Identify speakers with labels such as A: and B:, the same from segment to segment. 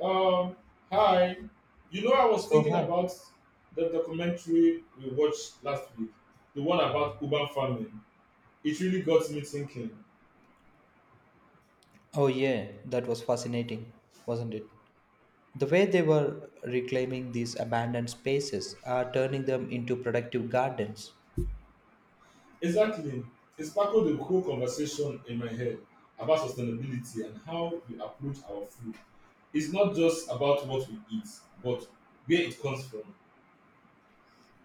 A: Um, Hi. You know, I was
B: So
A: thinking
B: hi.
A: about the documentary we watched last week, the one about urban farming. It really got me thinking.
B: Oh yeah, that was fascinating, wasn't it? The way they were reclaiming these abandoned spaces are turning them into productive gardens.
A: Exactly. It sparkled the whole conversation in my head about sustainability and how we approach our food. It's not just about what we eat, but where it comes from.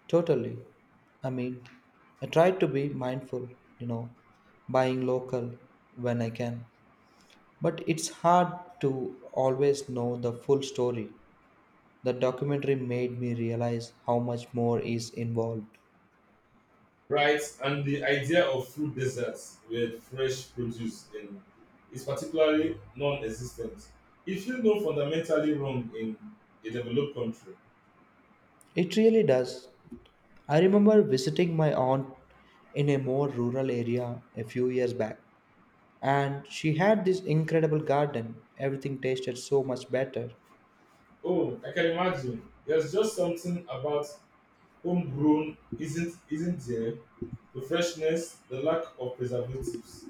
B: Totally. I mean, I try to be mindful, you know, buying local when I can. But it's hard to always know the full story. The documentary made me realize how much more is involved.
A: Right, and the idea of fruit deserts with fresh produce in is particularly non-existent. If you know fundamentally wrong in a developed country,
B: It really does. I remember visiting my aunt in a more rural area a few years back, and she had this incredible garden. Everything tasted so much better.
A: oh, I can imagine. There's just something about homegrown isn't there? The freshness, the lack of preservatives.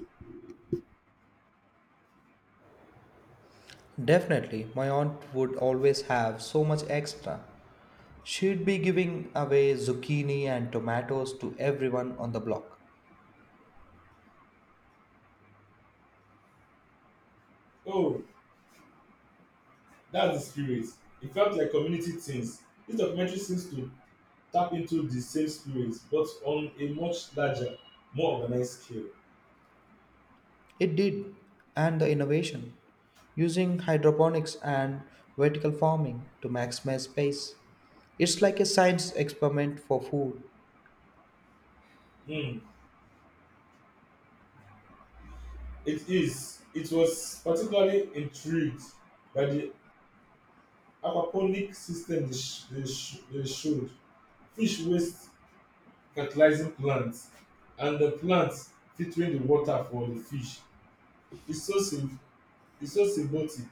B: Definitely, my aunt would always have so much extra. She'd be giving away zucchini and tomatoes to everyone on the block.
A: Oh, that's the spirit. It felt like community things. This documentary seems to tap into the same spirit, but on a much larger, more organized scale.
B: It did, and the innovation using hydroponics and vertical farming to maximize space. It's like a science experiment for food.
A: Hmm. It is. It was particularly intrigued by the aquaponic system they showed fish waste fertilizing plants, and the plants filtering the water for the fish. It's so, sym- it's so symbiotic.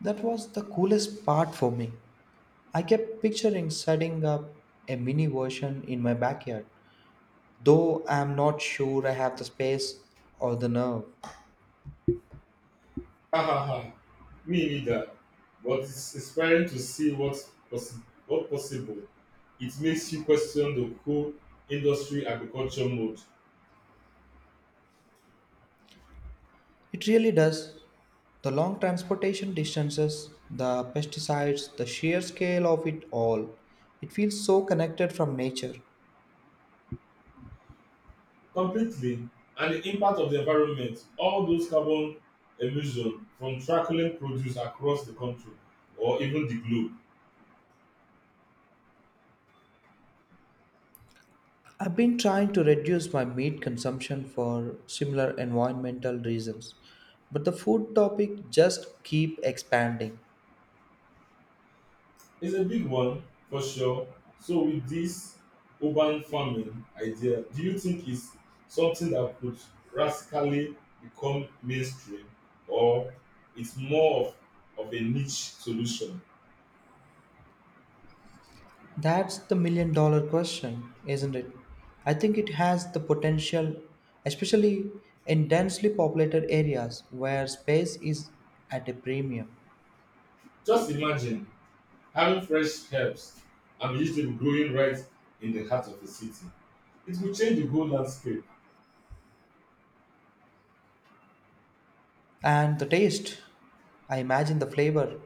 B: That was the coolest part for me. I kept picturing setting up a mini version in my backyard, though I am not sure I have the space or the nerve.
A: Ha ha ha. Me neither. But it's inspiring to see what possible. It makes you question the whole industry agriculture mode.
B: It really does. The long transportation distances, the pesticides, the sheer scale of it all. It feels so connected from nature.
A: Completely, and the impact of the environment, all those carbon emission from trackling produce across the country or even the globe
B: I've been trying to reduce my meat consumption for similar environmental reasons, but the food topic just keep expanding.
A: is a big one for sure. So, with this urban farming idea, do you think it's something that could radically become mainstream, or it's more of a niche solution?
B: That's the million dollar question, isn't it? I think it has the potential, especially in densely populated areas where space is at a premium.
A: Just imagine having fresh herbs and vegetable growing right in the heart of a city, it will change the whole landscape.
B: And the taste, I imagine the flavor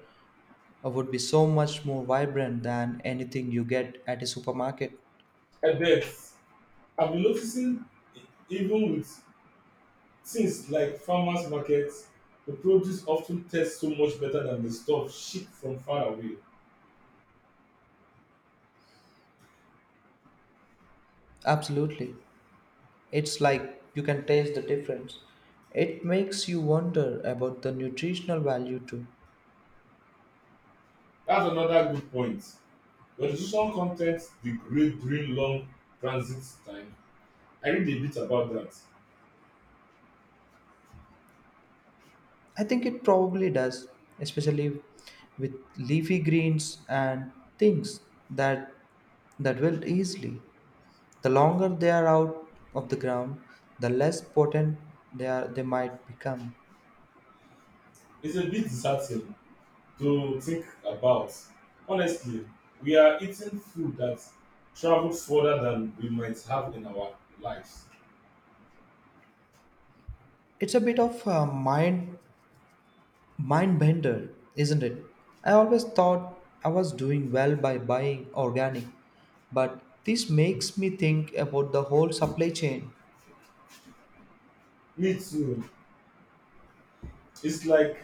B: would be so much more vibrant than anything you get at a supermarket.
A: I bet. I've been noticing e- even with things like farmers markets, the produce of ten tastes so much better than the stuff shipped from far away.
B: Absolutely. It's like you can taste the difference. It makes you wonder about the nutritional value too.
A: That's another good point. The nutritional con ten t degrade during long transit time. I read a bit about that.
B: I think it probably does, especially with leafy greens and things that that wilt easily. The longer they are out of the ground, the less potent they might become.
A: It's a bit disheartening to think about. Honestly, we are eating food that travels further than we might have in our lives.
B: It's a bit of a mind bender, isn't it? I always thought I was doing well by buying organic, but this makes me think about the whole supply chain.
A: Me too. It's like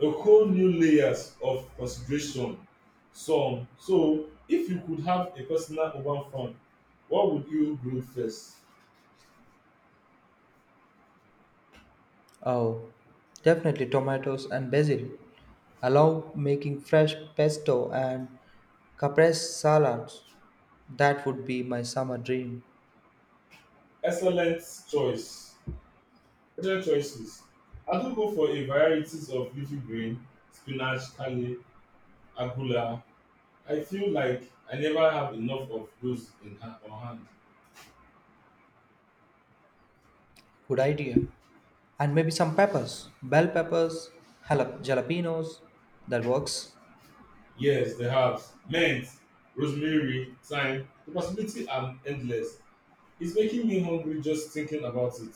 A: a whole new layers of consideration. So, if you could have a personal urban farm, what would you grow first?
B: Oh, definitely tomatoes and basil. Allow making fresh pesto and caprese salads. That would be my summer dream.
A: Excellent choice. Excellent choices. I do go for a varieties of leafy green, spinach, kale, agula. I feel like I never have enough of those in hand, on hand.
B: Good idea. And maybe some peppers, bell peppers, jalapenos. That works.
A: Yes, the herbs, mint, rosemary, thyme, the possibility are endless. It's making me hungry just thinking about it.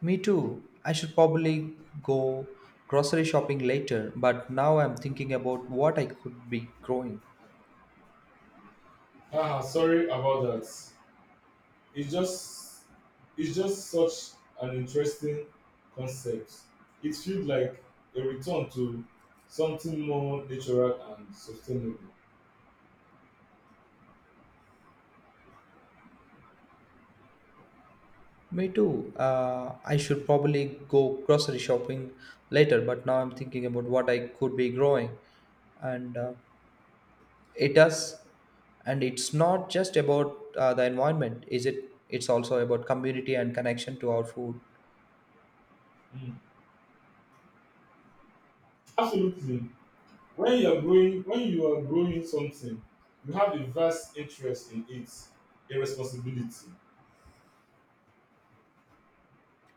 B: Me too. I should probably go grocery shopping later, but now I'm thinking about what I could be growing.
A: Ah, sorry about that. It's just it's just such an interesting concept. It feels like a return to something more natural and sustainable.
B: Me too. I should probably go grocery shopping later, but now I'm thinking about what I could be growing. And It does, and it's not just about the environment, is it? It's also about community and connection to our food.
A: Mm. Absolutely. When you are growing something, you have a vast interest in it, a responsibility.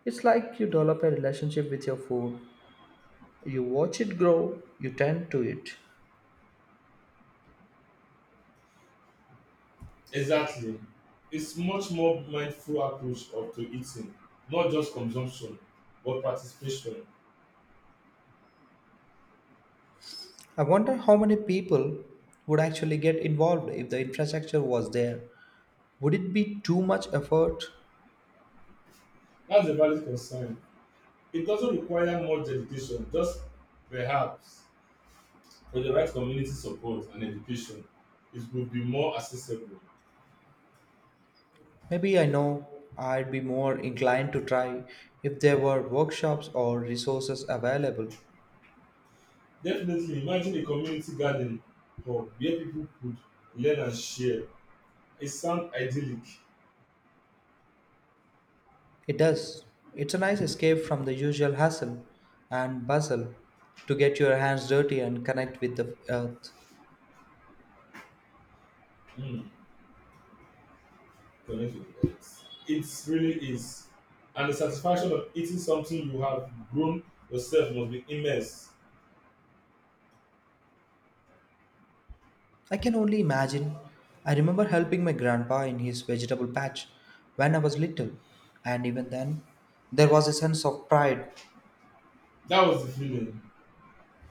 B: It's like you develop a relationship with your food. You watch it grow, you tend to it.
A: Exactly, its much more mindful approach of to eating, not just consumption but participation.
B: I wonder how many people would actually get involved if the infrastructure was there. Would it be too much effort?
A: That's a valid concern. It doesn't require much dedication, just perhaps with the right community support and education it go be more accessible.
B: Maybe I know I'd be more inclined to try if there were workshops or resources available.
A: Definitely. Imagine a community garden hub where people could learn and share, e sound idyllic.
B: It does. It's a nice escape from the usual hustle and bustle to get your hands dirty and connect with the earth.
A: Mm, connect with others. It really is. And the satisfaction of eating something you have grown yourself must be immense.
B: I can only imagine. I remember helping my grandpa in his vegetable patch when I was little, and even then, there was a sense of pride.
A: That was the feeling.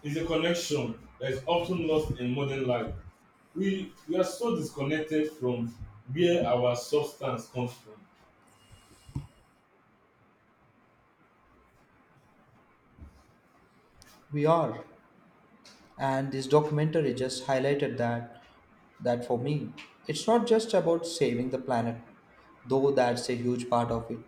A: It's a connection that is often lost in modern life. We are so disconnected from where our substance comes from.
B: We are. And this documentary just highlighted that for me, it's not just about saving the planet, though that's a huge part of it.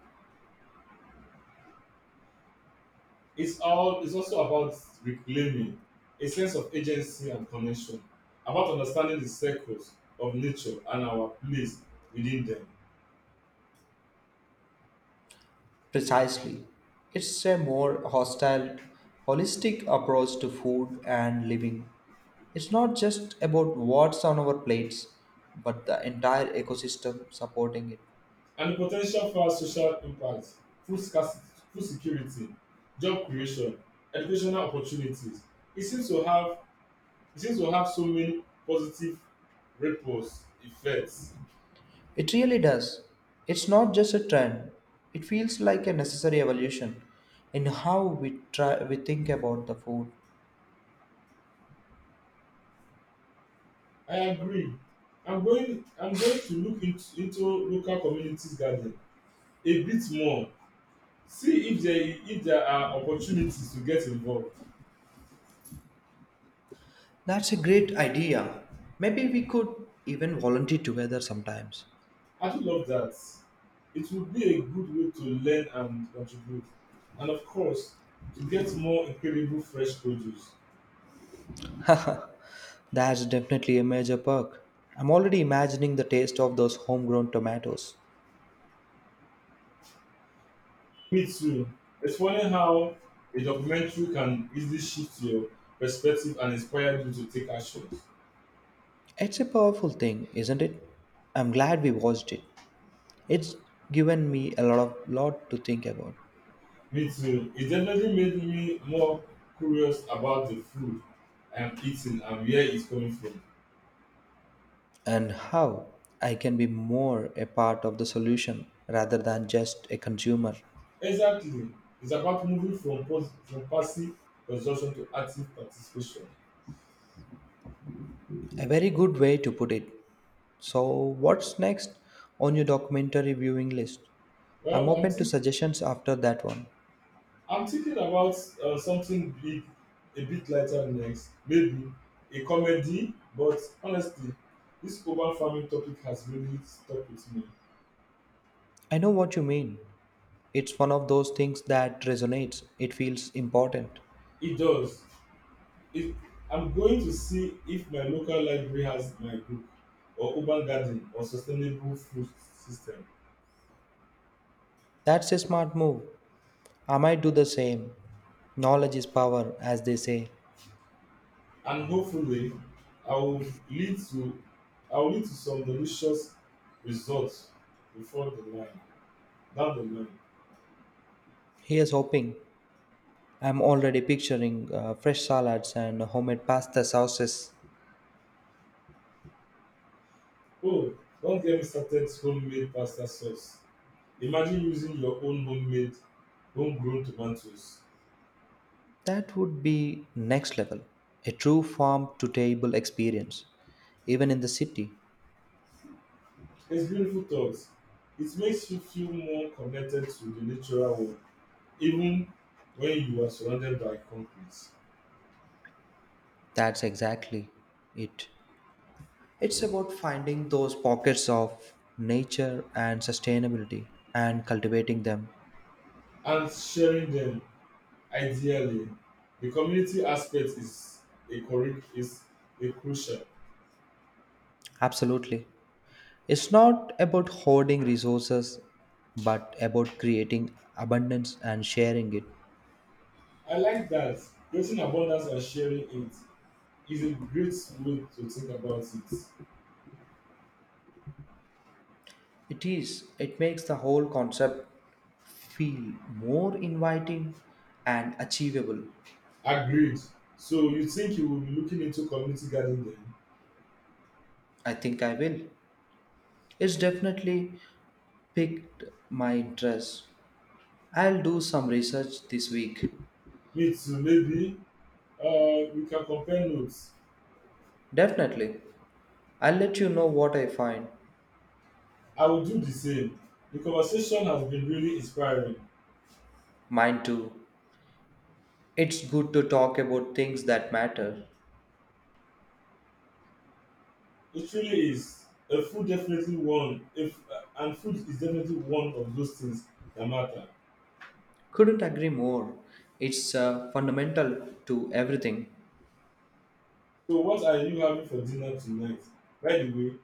A: It's also about reclaiming a sense of agency and connection, about understanding the circles of nature and our place within them.
B: Precisely. It's a more hostile, holistic approach to food and living. It's not just about what's on our plates, but the entire ecosystem supporting it.
A: And the po ten tial for social impact, food scarcity, food security, job creation, educational opportunities, e seem to have e seem to have so many positive ripples effects.
B: It really does. It's not just a trend. It feels like a necessary evolution in how we think about the food.
A: I agree. I'm going to look into local community garden a bit more, see if there are opportunities to get involved.
B: That's a great idea. Maybe we could even volunteer together sometimes.
A: I actually love that. It would be a good way to learn and contribute. And of course, to get more incredible fresh produce.
B: That's definitely a major perk. I'm already imagining the taste of those homegrown tomatoes.
A: Me too. It's funny how a documentary can easily shift your perspective and inspire you to take actions.
B: It's a powerful thing, isn't it? I'm glad we watched it. It's given me a lot to think about,
A: Me too. It definitely made me more curious about the food I am eating and where it's coming from.
B: and how I can be more a part of the solution rather than just a consumer.
A: Exactly. It's about moving from passive consumption to active participation.
B: A very good way to put it. So, what's next on your documentary viewing list? I'm
A: Well, I'm
B: open to
A: thinking.
B: suggestions after that one.
A: I'm thinking about something big, a bit lighter next. Maybe a comedy, but honestly, this urban farming topic has really stuck with me.
B: I know what you mean. It's one of those things that resonates. It feels important.
A: It does. It, I'm going to see if my local library has my book, or urban garden, or sustainable food system,
B: That's a smart move. I might do the same. Knowledge is power, as they say.
A: and hopefully, I will lead to, I will lead to some delicious results before the line, down the line.
B: Here's hoping. I'm already picturing fresh salads and homemade pasta sauces.
A: Oh, don't get me started homemade pasta sauce. Imagine using your own homegrown tomatoes.
B: That would be next level. A true farm to table experience. Even in the city,
A: It's beautiful thought. It makes you feel more connected to the natural world, even when you are surrounded by concrete.
B: that's exactly it. It's about finding those pockets of nature and sustainability and cultivating them.
A: And sharing them, ideally, the community aspect is a correct is a crucial.
B: Absolutely. It's not about hoarding resources, but about creating abundance and sharing it.
A: I like that. Creating abundance and sharing it is a great way to think about it.
B: It is, it makes the whole concept feel more inviting and achievable.
A: Agreed. So you think you will be looking into community garden then?
B: I think I will. It's definitely piqued my interest. I'll do some research this week.
A: Me too, maybe. We can compare notes.
B: Definitely. I'll let you know what I find.
A: I will do the same. The conversation has been really inspiring.
B: Mine too. It's good to talk about things that matter.
A: It really is. A food definitely one. If and food is definitely one of those things that matter.
B: Couldn't agree more. It's fundamental to everything.
A: So what are you having for dinner tonight? By the way,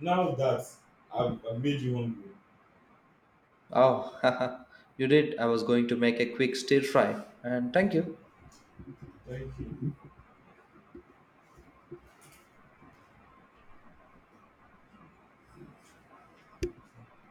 A: now that I've made you hungry,
B: Oh, you did. I was going to make a quick stir fry. And thank you.
A: thank you.